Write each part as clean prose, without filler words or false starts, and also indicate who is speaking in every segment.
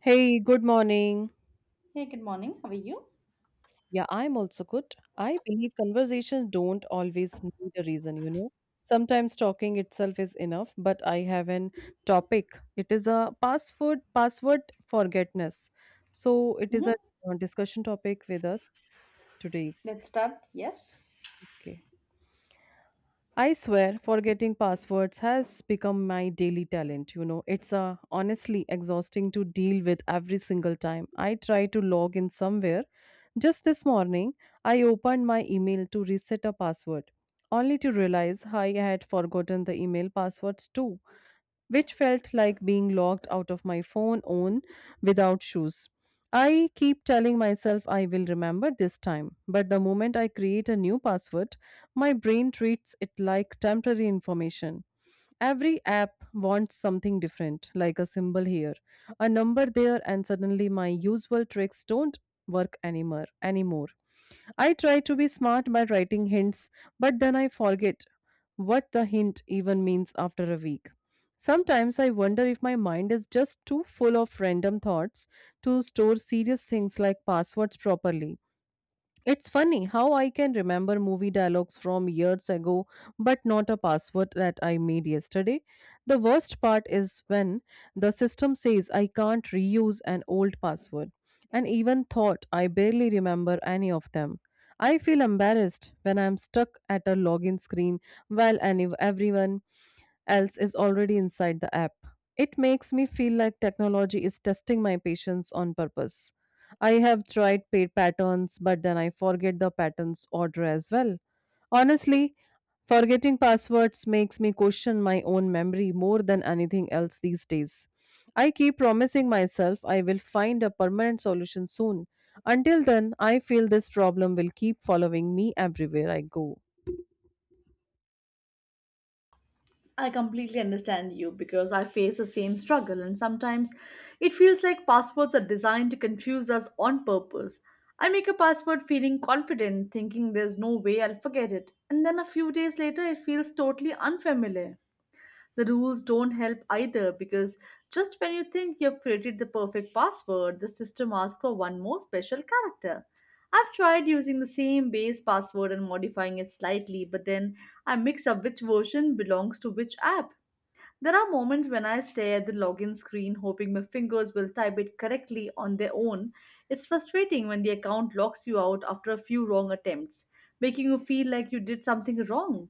Speaker 1: Hey, good morning.
Speaker 2: Hey, good morning. How are you?
Speaker 1: Yeah, I'm also good. I believe conversations don't always need a reason, you know. Sometimes talking itself is enough, but I have an topic. It is a password forgetness. So it is a
Speaker 2: Mm-hmm.
Speaker 1: discussion topic with us today's.
Speaker 2: Let's start. Yes.
Speaker 1: Okay. I swear forgetting passwords has become my daily talent, you know. It's honestly exhausting to deal with every single time. I try to log in somewhere. Just this morning, I opened my email to reset a password, only to realize I had forgotten the email passwords too which felt like being locked out of my phone on without shoes. I keep telling myself I will remember this time, but the moment I create a new password, my brain treats it like temporary information. Every app wants something different, like a symbol here, a number there, and suddenly my usual tricks don't work anymore. I try to be smart by writing hints, but then I forget what the hint even means after a week. Sometimes I wonder if my mind is just too full of random thoughts to store serious things like passwords properly. It's funny how I can remember movie dialogues from years ago, but not a password that I made yesterday. The worst part is when the system says I can't reuse an old password, and even thought I barely remember any of them. I feel embarrassed when I'm stuck at a login screen while everyone else is already inside the app. It makes me feel like technology is testing my patience on purpose. I have tried paid patterns, but then I forget the pattern's order as well. Honestly, forgetting passwords makes me question my own memory more than anything else these days. I keep promising myself I will find a permanent solution soon. Until then, I feel this problem will keep following me everywhere I go.
Speaker 2: I completely understand you because I face the same struggle, and sometimes it feels like passwords are designed to confuse us on purpose. I make a password feeling confident, thinking there's no way I'll forget it, and then a few days later, it feels totally unfamiliar. The rules don't help either because just when you think you've created the perfect password, the system asks for one more special character. I've tried using the same base password and modifying it slightly, but then I mix up which version belongs to which app. There are moments when I stare at the login screen hoping my fingers will type it correctly on their own. It's frustrating when the account locks you out after a few wrong attempts, making you feel like you did something wrong.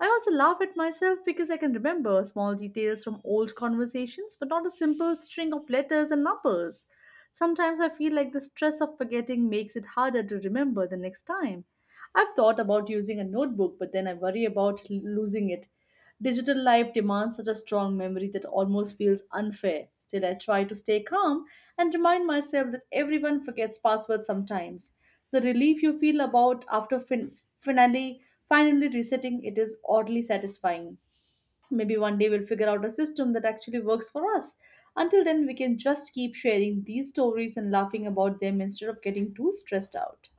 Speaker 2: I also laugh at myself because I can remember small details from old conversations, but not a simple string of letters and numbers. Sometimes I feel like the stress of forgetting makes it harder to remember the next time. I've thought about using a notebook, but then I worry about losing it. Digital life demands such a strong memory that almost feels unfair. Still, I try to stay calm and remind myself that everyone forgets passwords sometimes. The relief you feel about after finally resetting it is oddly satisfying. Maybe one day we'll figure out a system that actually works for us. Until then, we can just keep sharing these stories and laughing about them instead of getting too stressed out.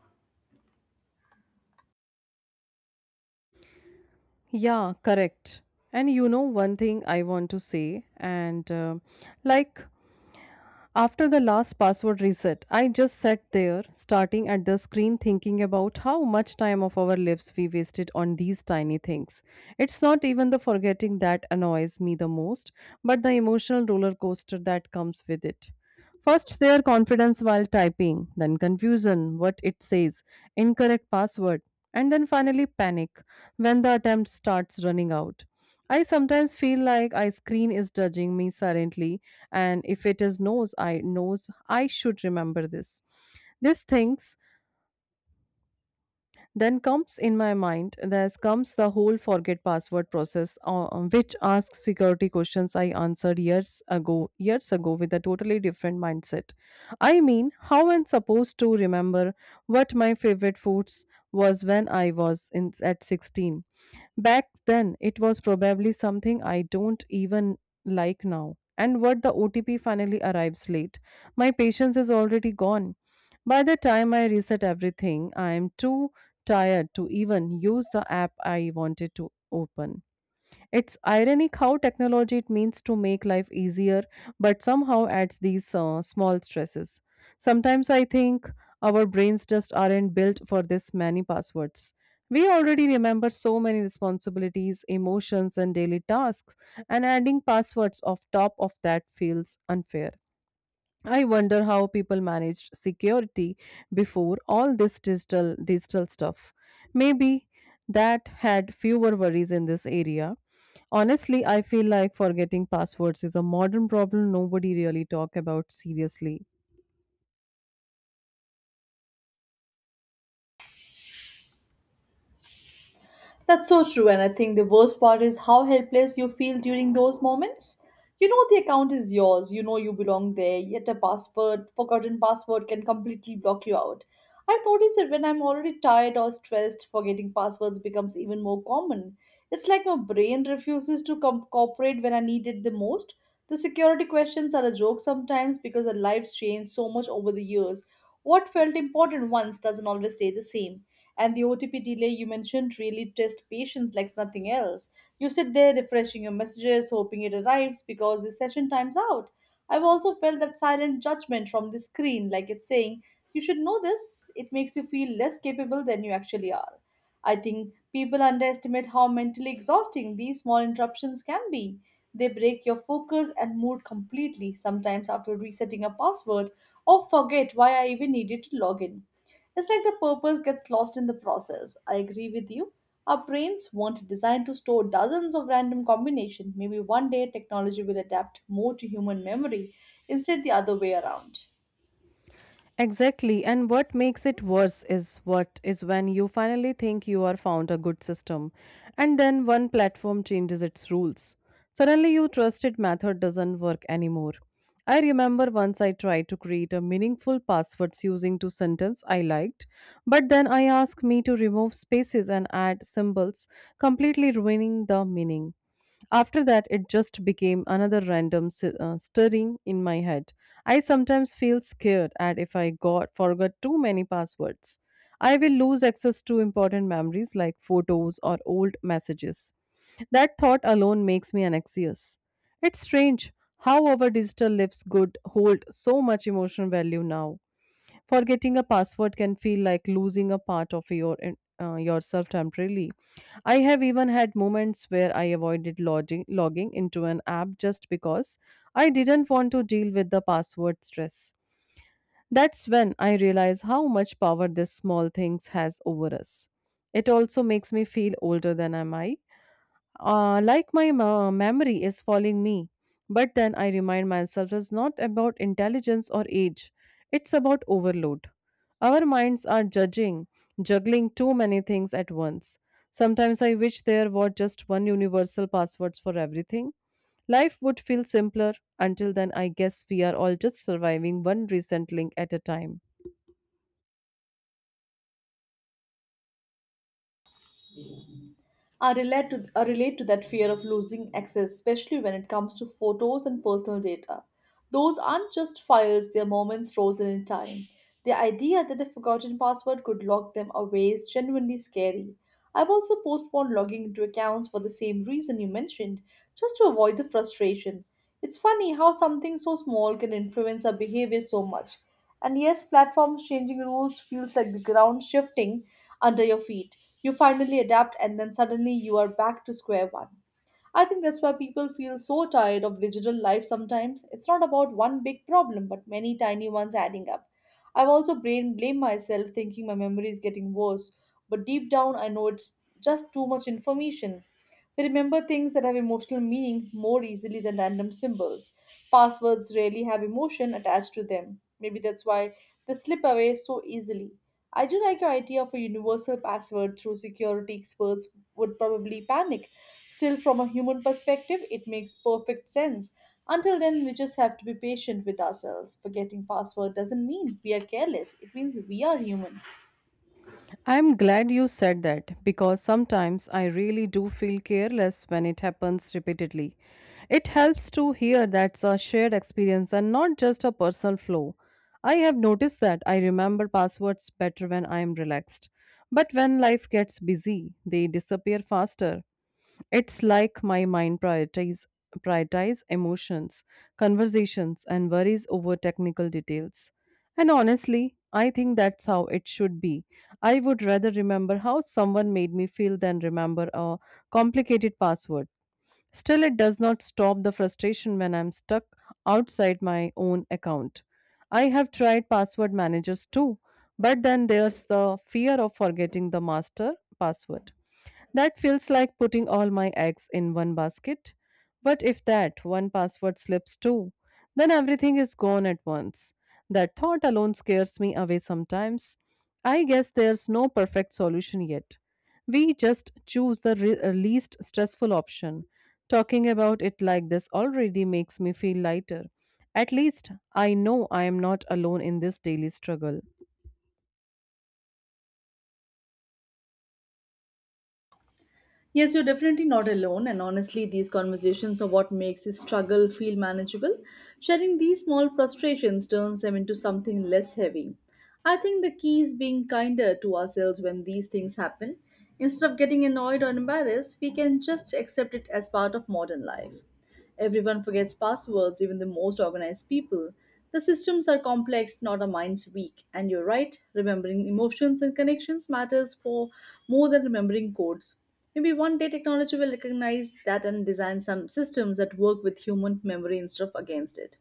Speaker 1: Yeah, correct. And you know, one thing I want to say, and like After the last password reset, I just sat there, starting at the screen, thinking about how much time of our lives we wasted on these tiny things. It's not even the forgetting that annoys me the most, but the emotional roller coaster that comes with it. First, their confidence while typing, then confusion, what it says, incorrect password, and then finally panic when the attempt starts running out. I sometimes feel like I screen is judging me silently, and if it is knows I should remember this. These things then comes in my mind, there's comes the whole forget password process, which asks security questions I answered years ago with a totally different mindset. I mean, how am I supposed to remember what my favorite foods was when I was in at 16? Back then, it was probably something I don't even like now. And what the OTP finally arrives late. My patience is already gone. By the time I reset everything, I am too tired to even use the app I wanted to open. It's ironic how technology it means to make life easier, but somehow adds these small stresses. Sometimes I think our brains just aren't built for this many passwords. We already remember so many responsibilities, emotions, and daily tasks, and adding passwords off top of that feels unfair. I wonder how people managed security before all this digital stuff. Maybe that had fewer worries in this area. Honestly, I feel like forgetting passwords is a modern problem nobody really talk about seriously.
Speaker 2: That's so true, and I think the worst part is how helpless you feel during those moments. You know the account is yours, you know you belong there, yet a forgotten password can completely block you out. I've noticed that when I'm already tired or stressed, forgetting passwords becomes even more common. It's like my brain refuses to cooperate when I need it the most. The security questions are a joke sometimes because our lives change so much over the years. What felt important once doesn't always stay the same. And the OTP delay you mentioned really tests patience like nothing else. You sit there refreshing your messages, hoping it arrives because the session time's out. I've also felt that silent judgment from the screen, like it's saying, you should know this. It makes you feel less capable than you actually are. I think people underestimate how mentally exhausting these small interruptions can be. They break your focus and mood completely. Sometimes after resetting a password or forget why I even needed to log in. It's like the purpose gets lost in the process. I agree with you. Our brains weren't designed to store dozens of random combinations. Maybe one day technology will adapt more to human memory instead the other way around.
Speaker 1: Exactly. And what makes it worse is what is when you finally think you are found a good system and then one platform changes its rules. Suddenly your trusted method doesn't work anymore. I remember once I tried to create a meaningful passwords using two sentences I liked, but then I asked me to remove spaces and add symbols, completely ruining the meaning. After that, it just became another random stirring in my head. I sometimes feel scared at if I got forgot too many passwords. I will lose access to important memories like photos or old messages. That thought alone makes me anxious. It's strange how our digital lives could hold so much emotional value now. Forgetting a password can feel like losing a part of your yourself temporarily. I have even had moments where I avoided logging into an app just because I didn't want to deal with the password stress. That's when I realize how much power this small things has over us. It also makes me feel older than I am. Like my memory is following me. But then I remind myself it's not about intelligence or age, it's about overload. Our minds are juggling too many things at once. Sometimes I wish there were just one universal password for everything. Life would feel simpler. Until then, I guess we are all just surviving one recent link at a time.
Speaker 2: I relate to that fear of losing access, especially when it comes to photos and personal data. Those aren't just files, they're moments frozen in time. The idea that a forgotten password could lock them away is genuinely scary. I've also postponed logging into accounts for the same reason you mentioned, just to avoid the frustration. It's funny how something so small can influence our behavior so much. And yes, platforms changing rules feels like the ground shifting under your feet. You finally adapt and then suddenly you are back to square one. I think that's why people feel so tired of digital life sometimes. It's not about one big problem, but many tiny ones adding up. I've also brain blame myself thinking my memory is getting worse, but deep down I know it's just too much information. We remember things that have emotional meaning more easily than random symbols. Passwords rarely have emotion attached to them. Maybe that's why they slip away so easily. I do like your idea of a universal password through security experts would probably panic. Still, from a human perspective, it makes perfect sense. Until then, we just have to be patient with ourselves. Forgetting password doesn't mean we are careless, it means we are human.
Speaker 1: I'm glad you said that because sometimes I really do feel careless when it happens repeatedly. It helps to hear that's a shared experience and not just a personal flaw. I have noticed that I remember passwords better when I am relaxed. But when life gets busy, they disappear faster. It's like my mind prioritize prioritize emotions, conversations and worries over technical details. And honestly, I think that's how it should be. I would rather remember how someone made me feel than remember a complicated password. Still, it does not stop the frustration when I'm stuck outside my own account. I have tried password managers too, but then there's the fear of forgetting the master password. That feels like putting all my eggs in one basket. But if that one password slips too, then everything is gone at once. That thought alone scares me away sometimes. I guess there's no perfect solution yet. We just choose the least stressful option. Talking about it like this already makes me feel lighter. At least I know I am not alone in this daily struggle.
Speaker 2: Yes, you're definitely not alone, and honestly, these conversations are what makes this struggle feel manageable. Sharing these small frustrations turns them into something less heavy. I think the key is being kinder to ourselves when these things happen. Instead of getting annoyed or embarrassed, we can just accept it as part of modern life. Everyone forgets passwords, even the most organized people. The systems are complex, not our minds weak. And you're right, remembering emotions and connections matters for more than remembering codes. Maybe one day technology will recognize that and design some systems that work with human memory instead of against it.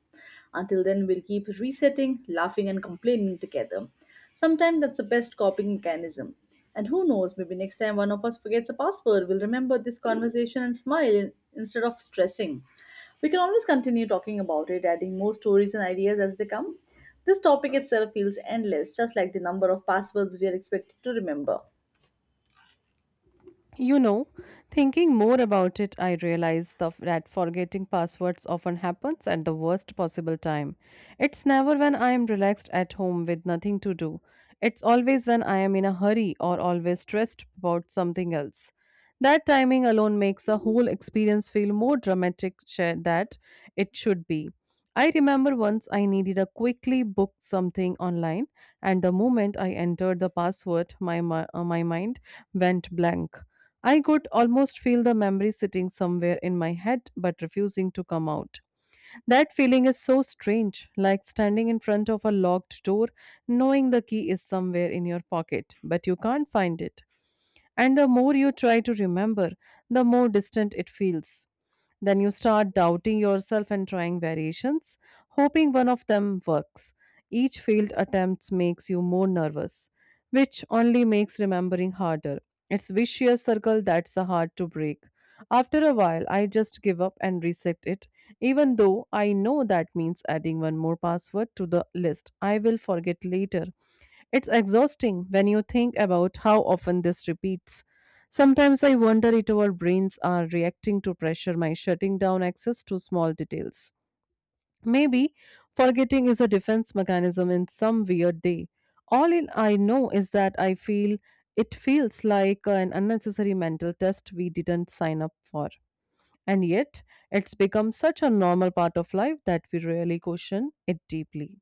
Speaker 2: Until then, we'll keep resetting, laughing, and complaining together. Sometimes that's the best coping mechanism. And who knows, maybe next time one of us forgets a password, we'll remember this conversation and smile instead of stressing. We can always continue talking about it, adding more stories and ideas as they come. This topic itself feels endless, just like the number of passwords we are expected to remember.
Speaker 1: You know, thinking more about it, I realize that forgetting passwords often happens at the worst possible time. It's never when I am relaxed at home with nothing to do. It's always when I am in a hurry or always stressed about something else. That timing alone makes the whole experience feel more dramatic sh- that it should be. I remember once I needed to quickly book something online, and the moment I entered the password, my mind went blank. I could almost feel the memory sitting somewhere in my head but refusing to come out. That feeling is so strange, like standing in front of a locked door, knowing the key is somewhere in your pocket, but you can't find it. And the more you try to remember, the more distant it feels. Then you start doubting yourself and trying variations, hoping one of them works. Each failed attempt makes you more nervous, which only makes remembering harder. It's vicious circle that's hard to break. After a while, I just give up and reset it, even though I know that means adding one more password to the list I will forget later. It's exhausting when you think about how often this repeats. Sometimes I wonder if our brains are reacting to pressure by shutting down access to small details. Maybe forgetting is a defense mechanism in some weird day. All in I know is that I feel it feels like an unnecessary mental test we didn't sign up for. And yet, it's become such a normal part of life that we rarely question it deeply.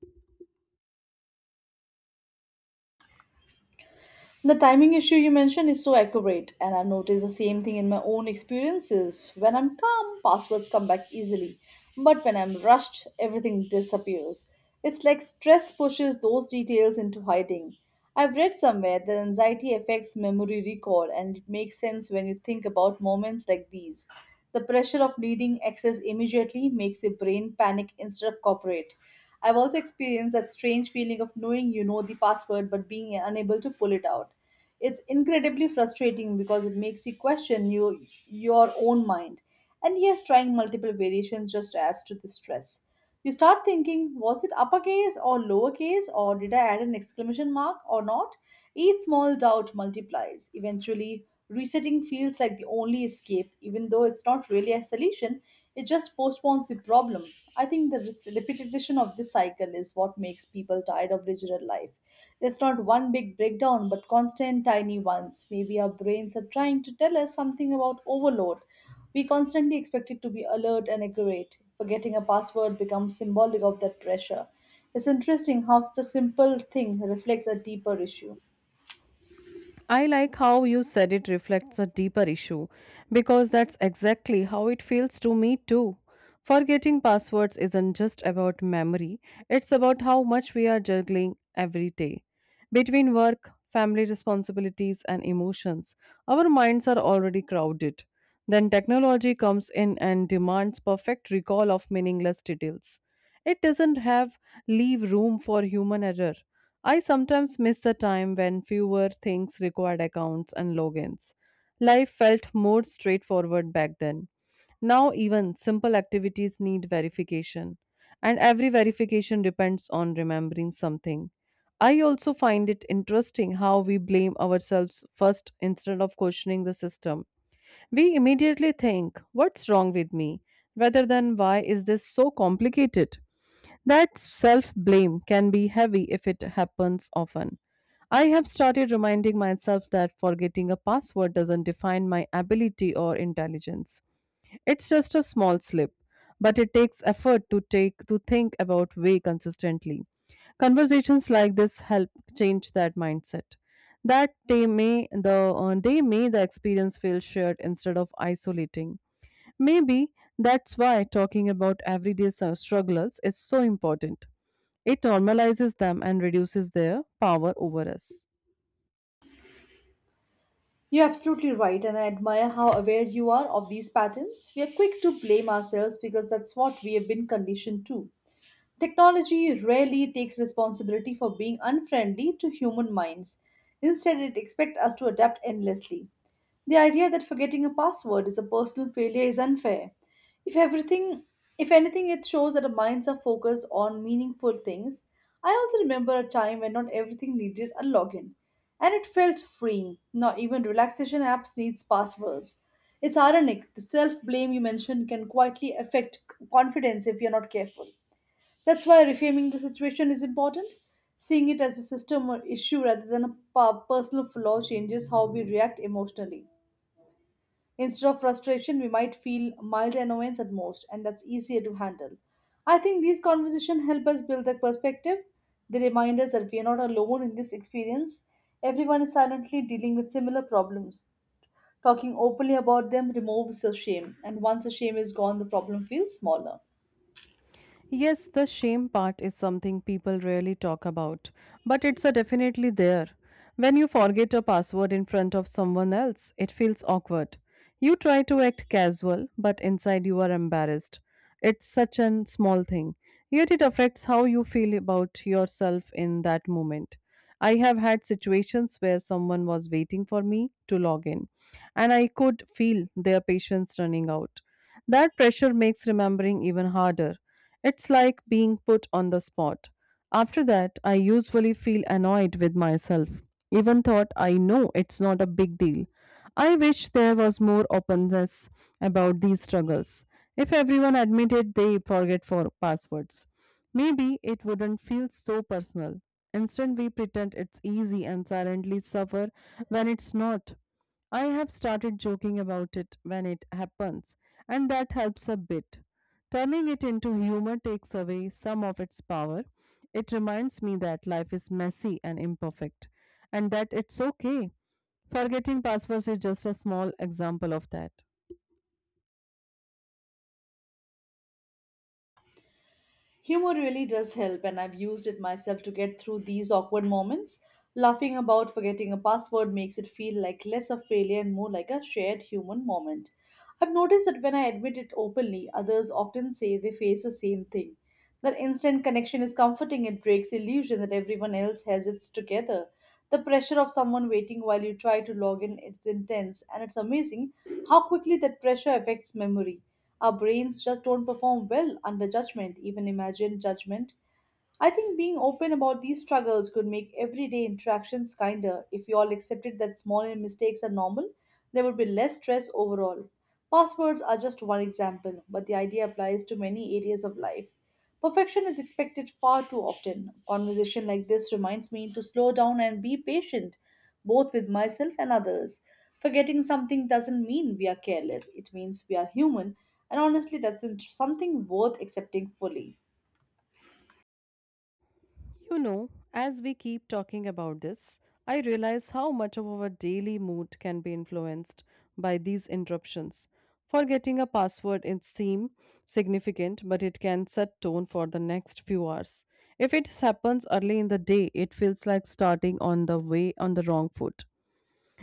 Speaker 2: The timing issue you mentioned is so accurate, and I've noticed the same thing in my own experiences. When I'm calm, passwords come back easily, but when I'm rushed, everything disappears. It's like stress pushes those details into hiding. I've read somewhere that anxiety affects memory recall, and it makes sense when you think about moments like these. The pressure of needing access immediately makes your brain panic instead of cooperate. I've also experienced that strange feeling of knowing you know the password but being unable to pull it out. It's incredibly frustrating because it makes you your own mind. And yes, trying multiple variations just adds to the stress. You start thinking, was it uppercase or lowercase, or did I add an exclamation mark or not? Each small doubt multiplies. Eventually, resetting feels like the only escape, even though it's not really a solution, it just postpones the problem. I think the repetition of this cycle is what makes people tired of digital life. It's not one big breakdown, but constant tiny ones. Maybe our brains are trying to tell us something about overload. We constantly expect it to be alert and accurate. Forgetting a password becomes symbolic of that pressure. It's interesting how such a simple thing reflects a deeper issue.
Speaker 1: I like how you said it reflects a deeper issue because that's exactly how it feels to me too. Forgetting passwords isn't just about memory, it's about how much we are juggling every day. Between work, family responsibilities, and emotions, our minds are already crowded. Then technology comes in and demands perfect recall of meaningless details. It doesn't have leave room for human error. I sometimes miss the time when fewer things required accounts and logins. Life felt more straightforward back then. Now, even simple activities need verification, and every verification depends on remembering something. I also find it interesting how we blame ourselves first instead of questioning the system. We immediately think, what's wrong with me? Rather than why is this so complicated? That self blame can be heavy if it happens often. I have started reminding myself that forgetting a password doesn't define my ability or intelligence. It's just a small slip, but it takes effort to take to think about way consistently. Conversations like this help change that mindset. That they may they may the experience feel shared instead of isolating. Maybe that's why talking about everyday struggles is so important. It normalizes them and reduces their power over us.
Speaker 2: You're absolutely right, and I admire how aware you are of these patterns. We are quick to blame ourselves because that's what we have been conditioned to. Technology rarely takes responsibility for being unfriendly to human minds. Instead, it expects us to adapt endlessly. The idea that forgetting a password is a personal failure is unfair. If everything, if anything, it shows that our minds are focused on meaningful things. I also remember a time when not everything needed a login, and it felt freeing. Not even relaxation apps needs passwords. It's ironic. The self blame you mentioned can quietly affect confidence if you're not careful. That's why reframing the situation is important. Seeing it as a system or issue rather than a personal flaw changes how we react emotionally. Instead of frustration, we might feel mild annoyance at most, and that's easier to handle. I think these conversations help us build that perspective. They remind us that we are not alone in this experience. Everyone is silently dealing with similar problems. Talking openly about them removes the shame, and once the shame is gone, the problem feels smaller.
Speaker 1: Yes, the shame part is something people rarely talk about, but it's a definitely there. When you forget a password in front of someone else, it feels awkward. You try to act casual, but inside you are embarrassed. It's such a small thing, yet it affects how you feel about yourself in that moment. I have had situations where someone was waiting for me to log in, and I could feel their patience running out. That pressure makes remembering even harder. It's like being put on the spot. After that, I usually feel annoyed with myself, even thought I know it's not a big deal. I wish there was more openness about these struggles. If everyone admitted they forget for passwords, maybe it wouldn't feel so personal. Instead, we pretend it's easy and silently suffer when it's not. I have started joking about it when it happens, and that helps a bit. Turning it into humor takes away some of its power. It reminds me that life is messy and imperfect, and that it's okay. Forgetting passwords is just a small example of that.
Speaker 2: Humor really does help, and I've used it myself to get through these awkward moments. Laughing about forgetting a password makes it feel like less a failure and more like a shared human moment. I've noticed that when I admit it openly, others often say they face the same thing. That instant connection is comforting, it breaks illusion that everyone else has it together. The pressure of someone waiting while you try to log in is intense, and it's amazing how quickly that pressure affects memory. Our brains just don't perform well under judgment. Even imagine judgment. I think being open about these struggles could make everyday interactions kinder. If we all accepted that small mistakes are normal, there would be less stress overall. Passwords are just one example, but the idea applies to many areas of life. Perfection is expected far too often. Conversation like this reminds me to slow down and be patient, both with myself and others. Forgetting something doesn't mean we are careless, it means we are human, and honestly, that's something worth accepting fully.
Speaker 1: You know, as we keep talking about this, I realize how much of our daily mood can be influenced by these interruptions. Forgetting a password it seems significant, but it can set tone for the next few hours. If it happens early in the day, it feels like starting on the way on the wrong foot.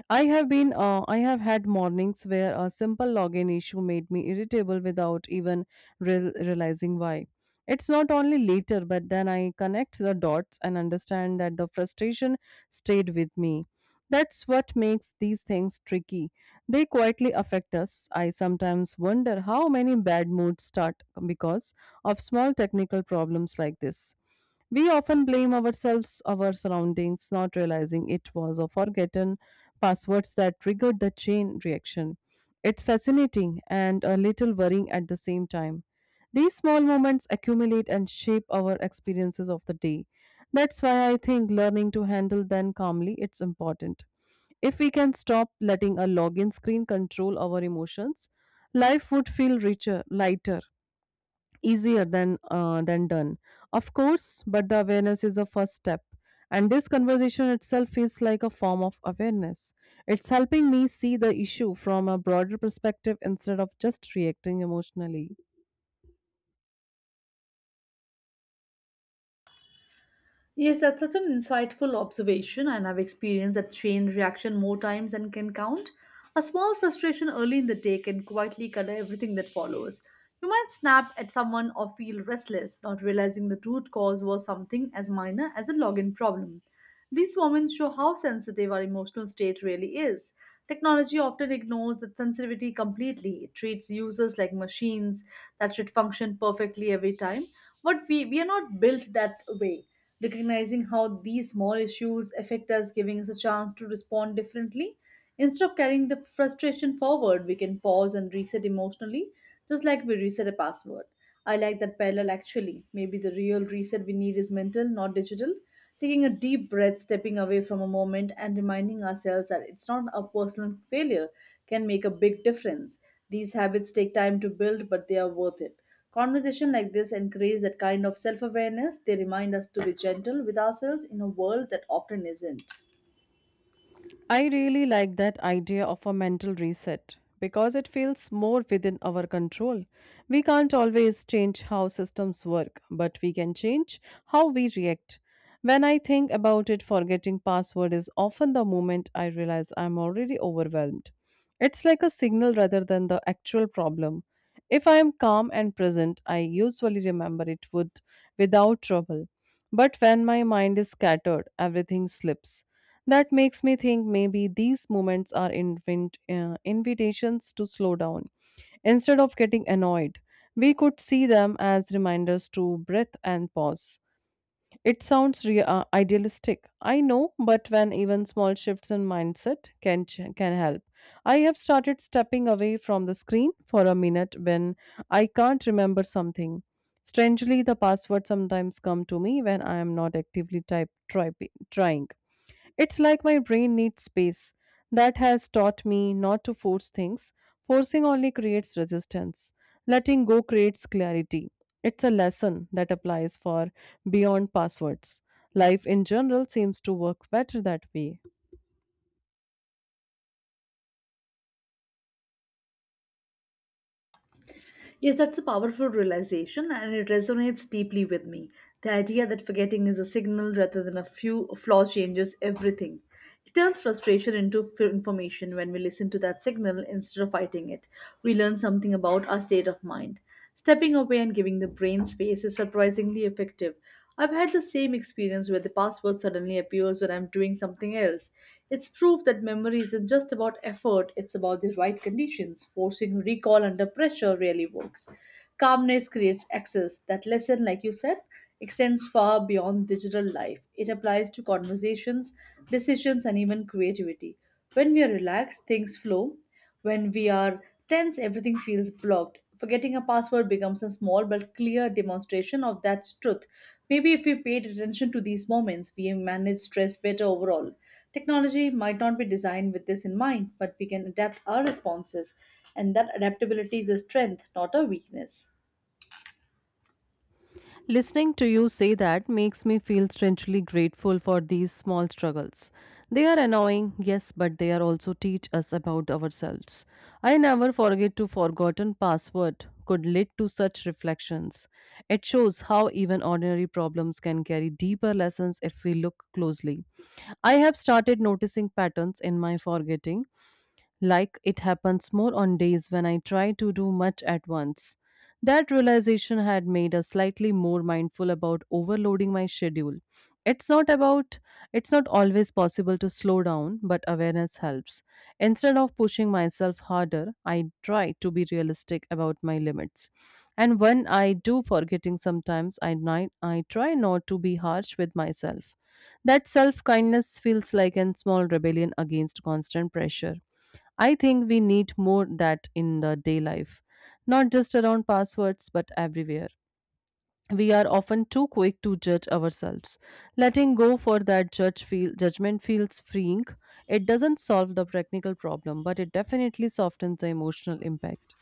Speaker 1: I have had mornings where a simple login issue made me irritable without even realizing why. It's not only later, but then I connect the dots and understand that the frustration stayed with me. That's what makes these things tricky. They quietly affect us. I sometimes wonder how many bad moods start because of small technical problems like this. We often blame ourselves, our surroundings, not realizing it was a forgotten passwords that triggered the chain reaction. It's fascinating and a little worrying at the same time. These small moments accumulate and shape our experiences of the day. That's why I think learning to handle them calmly it's important. If we can stop letting a login screen control our emotions, life would feel richer, lighter easier than done of course but the awareness is a first step and this conversation itself feels like a form of awareness it's helping me see the issue from a broader perspective instead of just reacting emotionally.
Speaker 2: Yes, that's such an insightful observation, and I've experienced that chain reaction more times than can count. A small frustration early in the day can quietly color everything that follows. You might snap at someone or feel restless, not realizing the root cause was something as minor as a login problem. These moments show how sensitive our emotional state really is. Technology often ignores that sensitivity completely. It treats users like machines that should function perfectly every time. But we are not built that way. Recognizing how these small issues affect us, giving us a chance to respond differently. Instead of carrying the frustration forward, we can pause and reset emotionally, just like we reset a password. I like that parallel actually. Maybe the real reset we need is mental, not digital. Taking a deep breath, stepping away from a moment, and reminding ourselves that it's not a personal failure can make a big difference. These habits take time to build, but they are worth it. Conversation like this encourage that kind of self awareness. They remind us to be gentle with ourselves in a world that often isn't.
Speaker 1: I really like that idea of a mental reset because it feels more within our control. We can't always change how systems work, but we can change how we react. When I think about it, forgetting password is often the moment I realize I'm already overwhelmed. It's like a signal rather than the actual problem. If I am calm and present, I usually remember it would without trouble. But when my mind is scattered, everything slips. That makes me think maybe these moments are invitations to slow down. Instead of getting annoyed, we could see them as reminders to breathe and pause. It sounds idealistic, I know, but when even small shifts in mindset can help. I have started stepping away from the screen for a minute when I can't remember something. Strangely, the passwords sometimes come to me when I am not actively trying. It's like my brain needs space. That has taught me not to force things. Forcing only creates resistance. Letting go creates clarity. It's a lesson that applies for beyond passwords. Life in general seems to work better that way.
Speaker 2: Yes, that's a powerful realization and it resonates deeply with me. The idea that forgetting is a signal rather than a few flaw changes everything. It turns frustration into information when we listen to that signal instead of fighting it. We learn something about our state of mind. Stepping away and giving the brain space is surprisingly effective. I've had the same experience where the password suddenly appears when I'm doing something else. It's proof that memory isn't just about effort, it's about the right conditions. Forcing recall under pressure really works. Calmness creates access. That lesson, like you said, extends far beyond digital life. It applies to conversations, decisions, and even creativity. When we are relaxed, things flow. When we are tense, everything feels blocked. Forgetting a password becomes a small but clear demonstration of that truth. Maybe if we paid attention to these moments, we manage stress better overall. Technology might not be designed with this in mind, but we can adapt our responses, and that adaptability is a strength, not a weakness.
Speaker 1: Listening to you say that makes me feel strangely grateful for these small struggles. They are annoying, yes, but they are also teach us about ourselves. I never forget to forgotten password could lead to such reflections. It shows how even ordinary problems can carry deeper lessons if we look closely. I have started noticing patterns in my forgetting like it happens more on days when I try to do much at once. That realization had made us slightly more mindful about overloading my schedule. It's not about it's not always possible to slow down, but awareness helps. Instead of pushing myself harder, I try to be realistic about my limits. And when I do forgetting sometimes, I try not to be harsh with myself. That self kindness feels like a small rebellion against constant pressure. I think we need more that in the day life, not just around passwords but everywhere. We are often too quick to judge ourselves. Letting go for that judgment feels freeing. It doesn't solve the practical problem, but it definitely softens the emotional impact.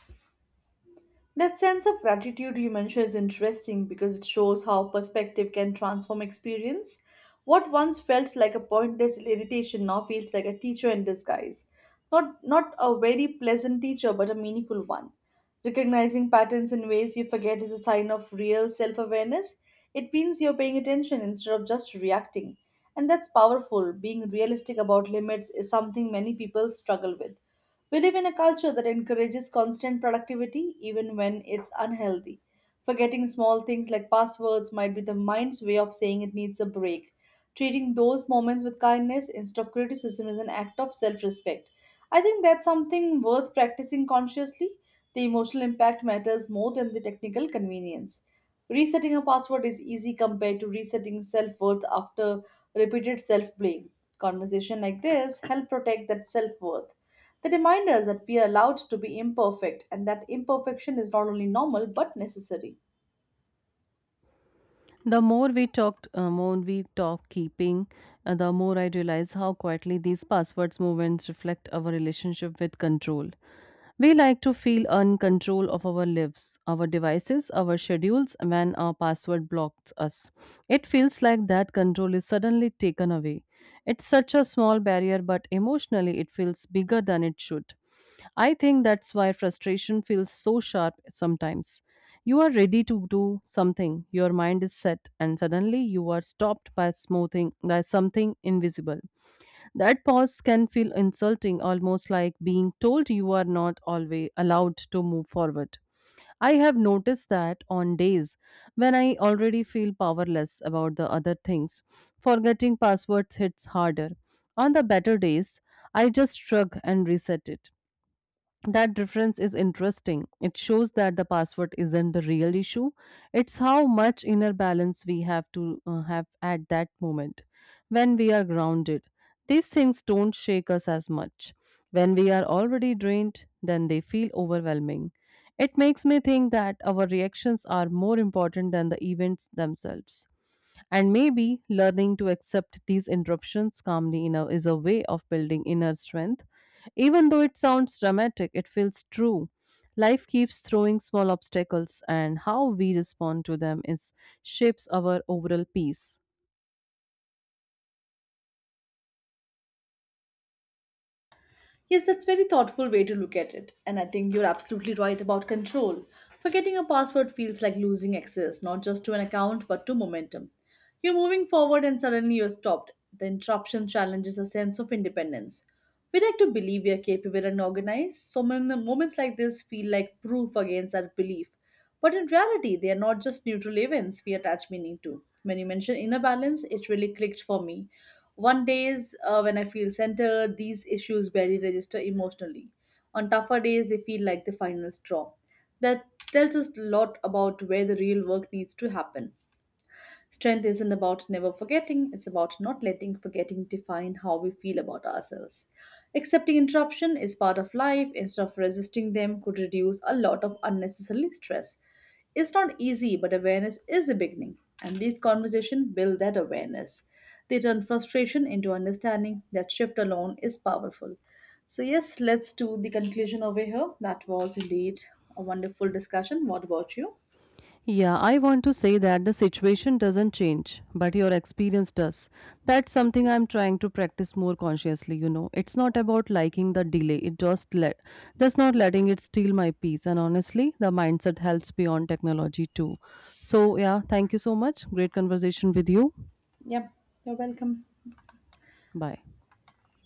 Speaker 2: That sense of gratitude you mentioned is interesting because it shows how perspective can transform experience. What once felt like a pointless irritation now feels like a teacher in disguise. Not a very pleasant teacher, but a meaningful one. Recognizing patterns in ways you forget is a sign of real self awareness. It means you're paying attention instead of just reacting. And that's powerful. Being realistic about limits is something many people struggle with. We live in a culture that encourages constant productivity even when it's unhealthy. Forgetting small things like passwords might be the mind's way of saying it needs a break. Treating those moments with kindness instead of criticism is an act of self respect. I think that's something worth practicing consciously. The emotional impact matters more than the technical convenience. Resetting a password is easy compared to resetting self worth after repeated self blame. Conversation like this help protect that self worth. They remind us that we are allowed to be imperfect and that imperfection is not only normal but necessary.
Speaker 1: The more we talk keeping, the more I realize how quietly these passwords movements reflect our relationship with control. We like to feel in control of our lives, our devices, our schedules when our password blocks us. It feels like that control is suddenly taken away. It's such a small barrier, but emotionally it feels bigger than it should. I think that's why frustration feels so sharp sometimes. You are ready to do something, your mind is set, and suddenly you are stopped by smoothing by something invisible. That pause can feel insulting, almost like being told you are not always allowed to move forward. I have noticed that on days when I already feel powerless about the other things, forgetting passwords hits harder. On the better days, I just shrug and reset it. That difference is interesting. It shows that the password isn't the real issue. It's how much inner balance we have to have at that moment when we are grounded. These things don't shake us as much. When we are already drained, then they feel overwhelming. It makes me think that our reactions are more important than the events themselves. And maybe learning to accept these interruptions calmly, you know, is a way of building inner strength, even though it sounds dramatic, it feels true. Life keeps throwing small obstacles, and how we respond to them is shapes our overall peace.
Speaker 2: Yes, that's very thoughtful way to look at it. And I think you're absolutely right about control. Forgetting a password feels like losing access, not just to an account, but to momentum. You're moving forward and suddenly you're stopped. The interruption challenges a sense of independence. We like to believe we are capable and organized, so moments like this feel like proof against that belief. But in reality, they are not just neutral events we attach meaning to. When you mention inner balance, it really clicked for me. One days when I feel centered, these issues barely register emotionally. On tougher days, they feel like the final straw. That tells us a lot about where the real work needs to happen. Strength isn't about never forgetting, it's about not letting forgetting define how we feel about ourselves. Accepting interruption is part of life instead of resisting them could reduce a lot of unnecessary stress. It's not easy, but awareness is the beginning, and these conversations build that awareness. They turn frustration into understanding that shift alone is powerful. So, yes, let's do the conclusion over here. That was indeed a wonderful discussion. What about you?
Speaker 1: Yeah, I want to say that the situation doesn't change, but your experience does. That's something I'm trying to practice more consciously, you know. It's not about liking the delay, it just let just not letting it steal my peace. And honestly, the mindset helps beyond technology too. So yeah, thank you so much. Great conversation with you.
Speaker 2: Yep, you're welcome.
Speaker 1: Bye.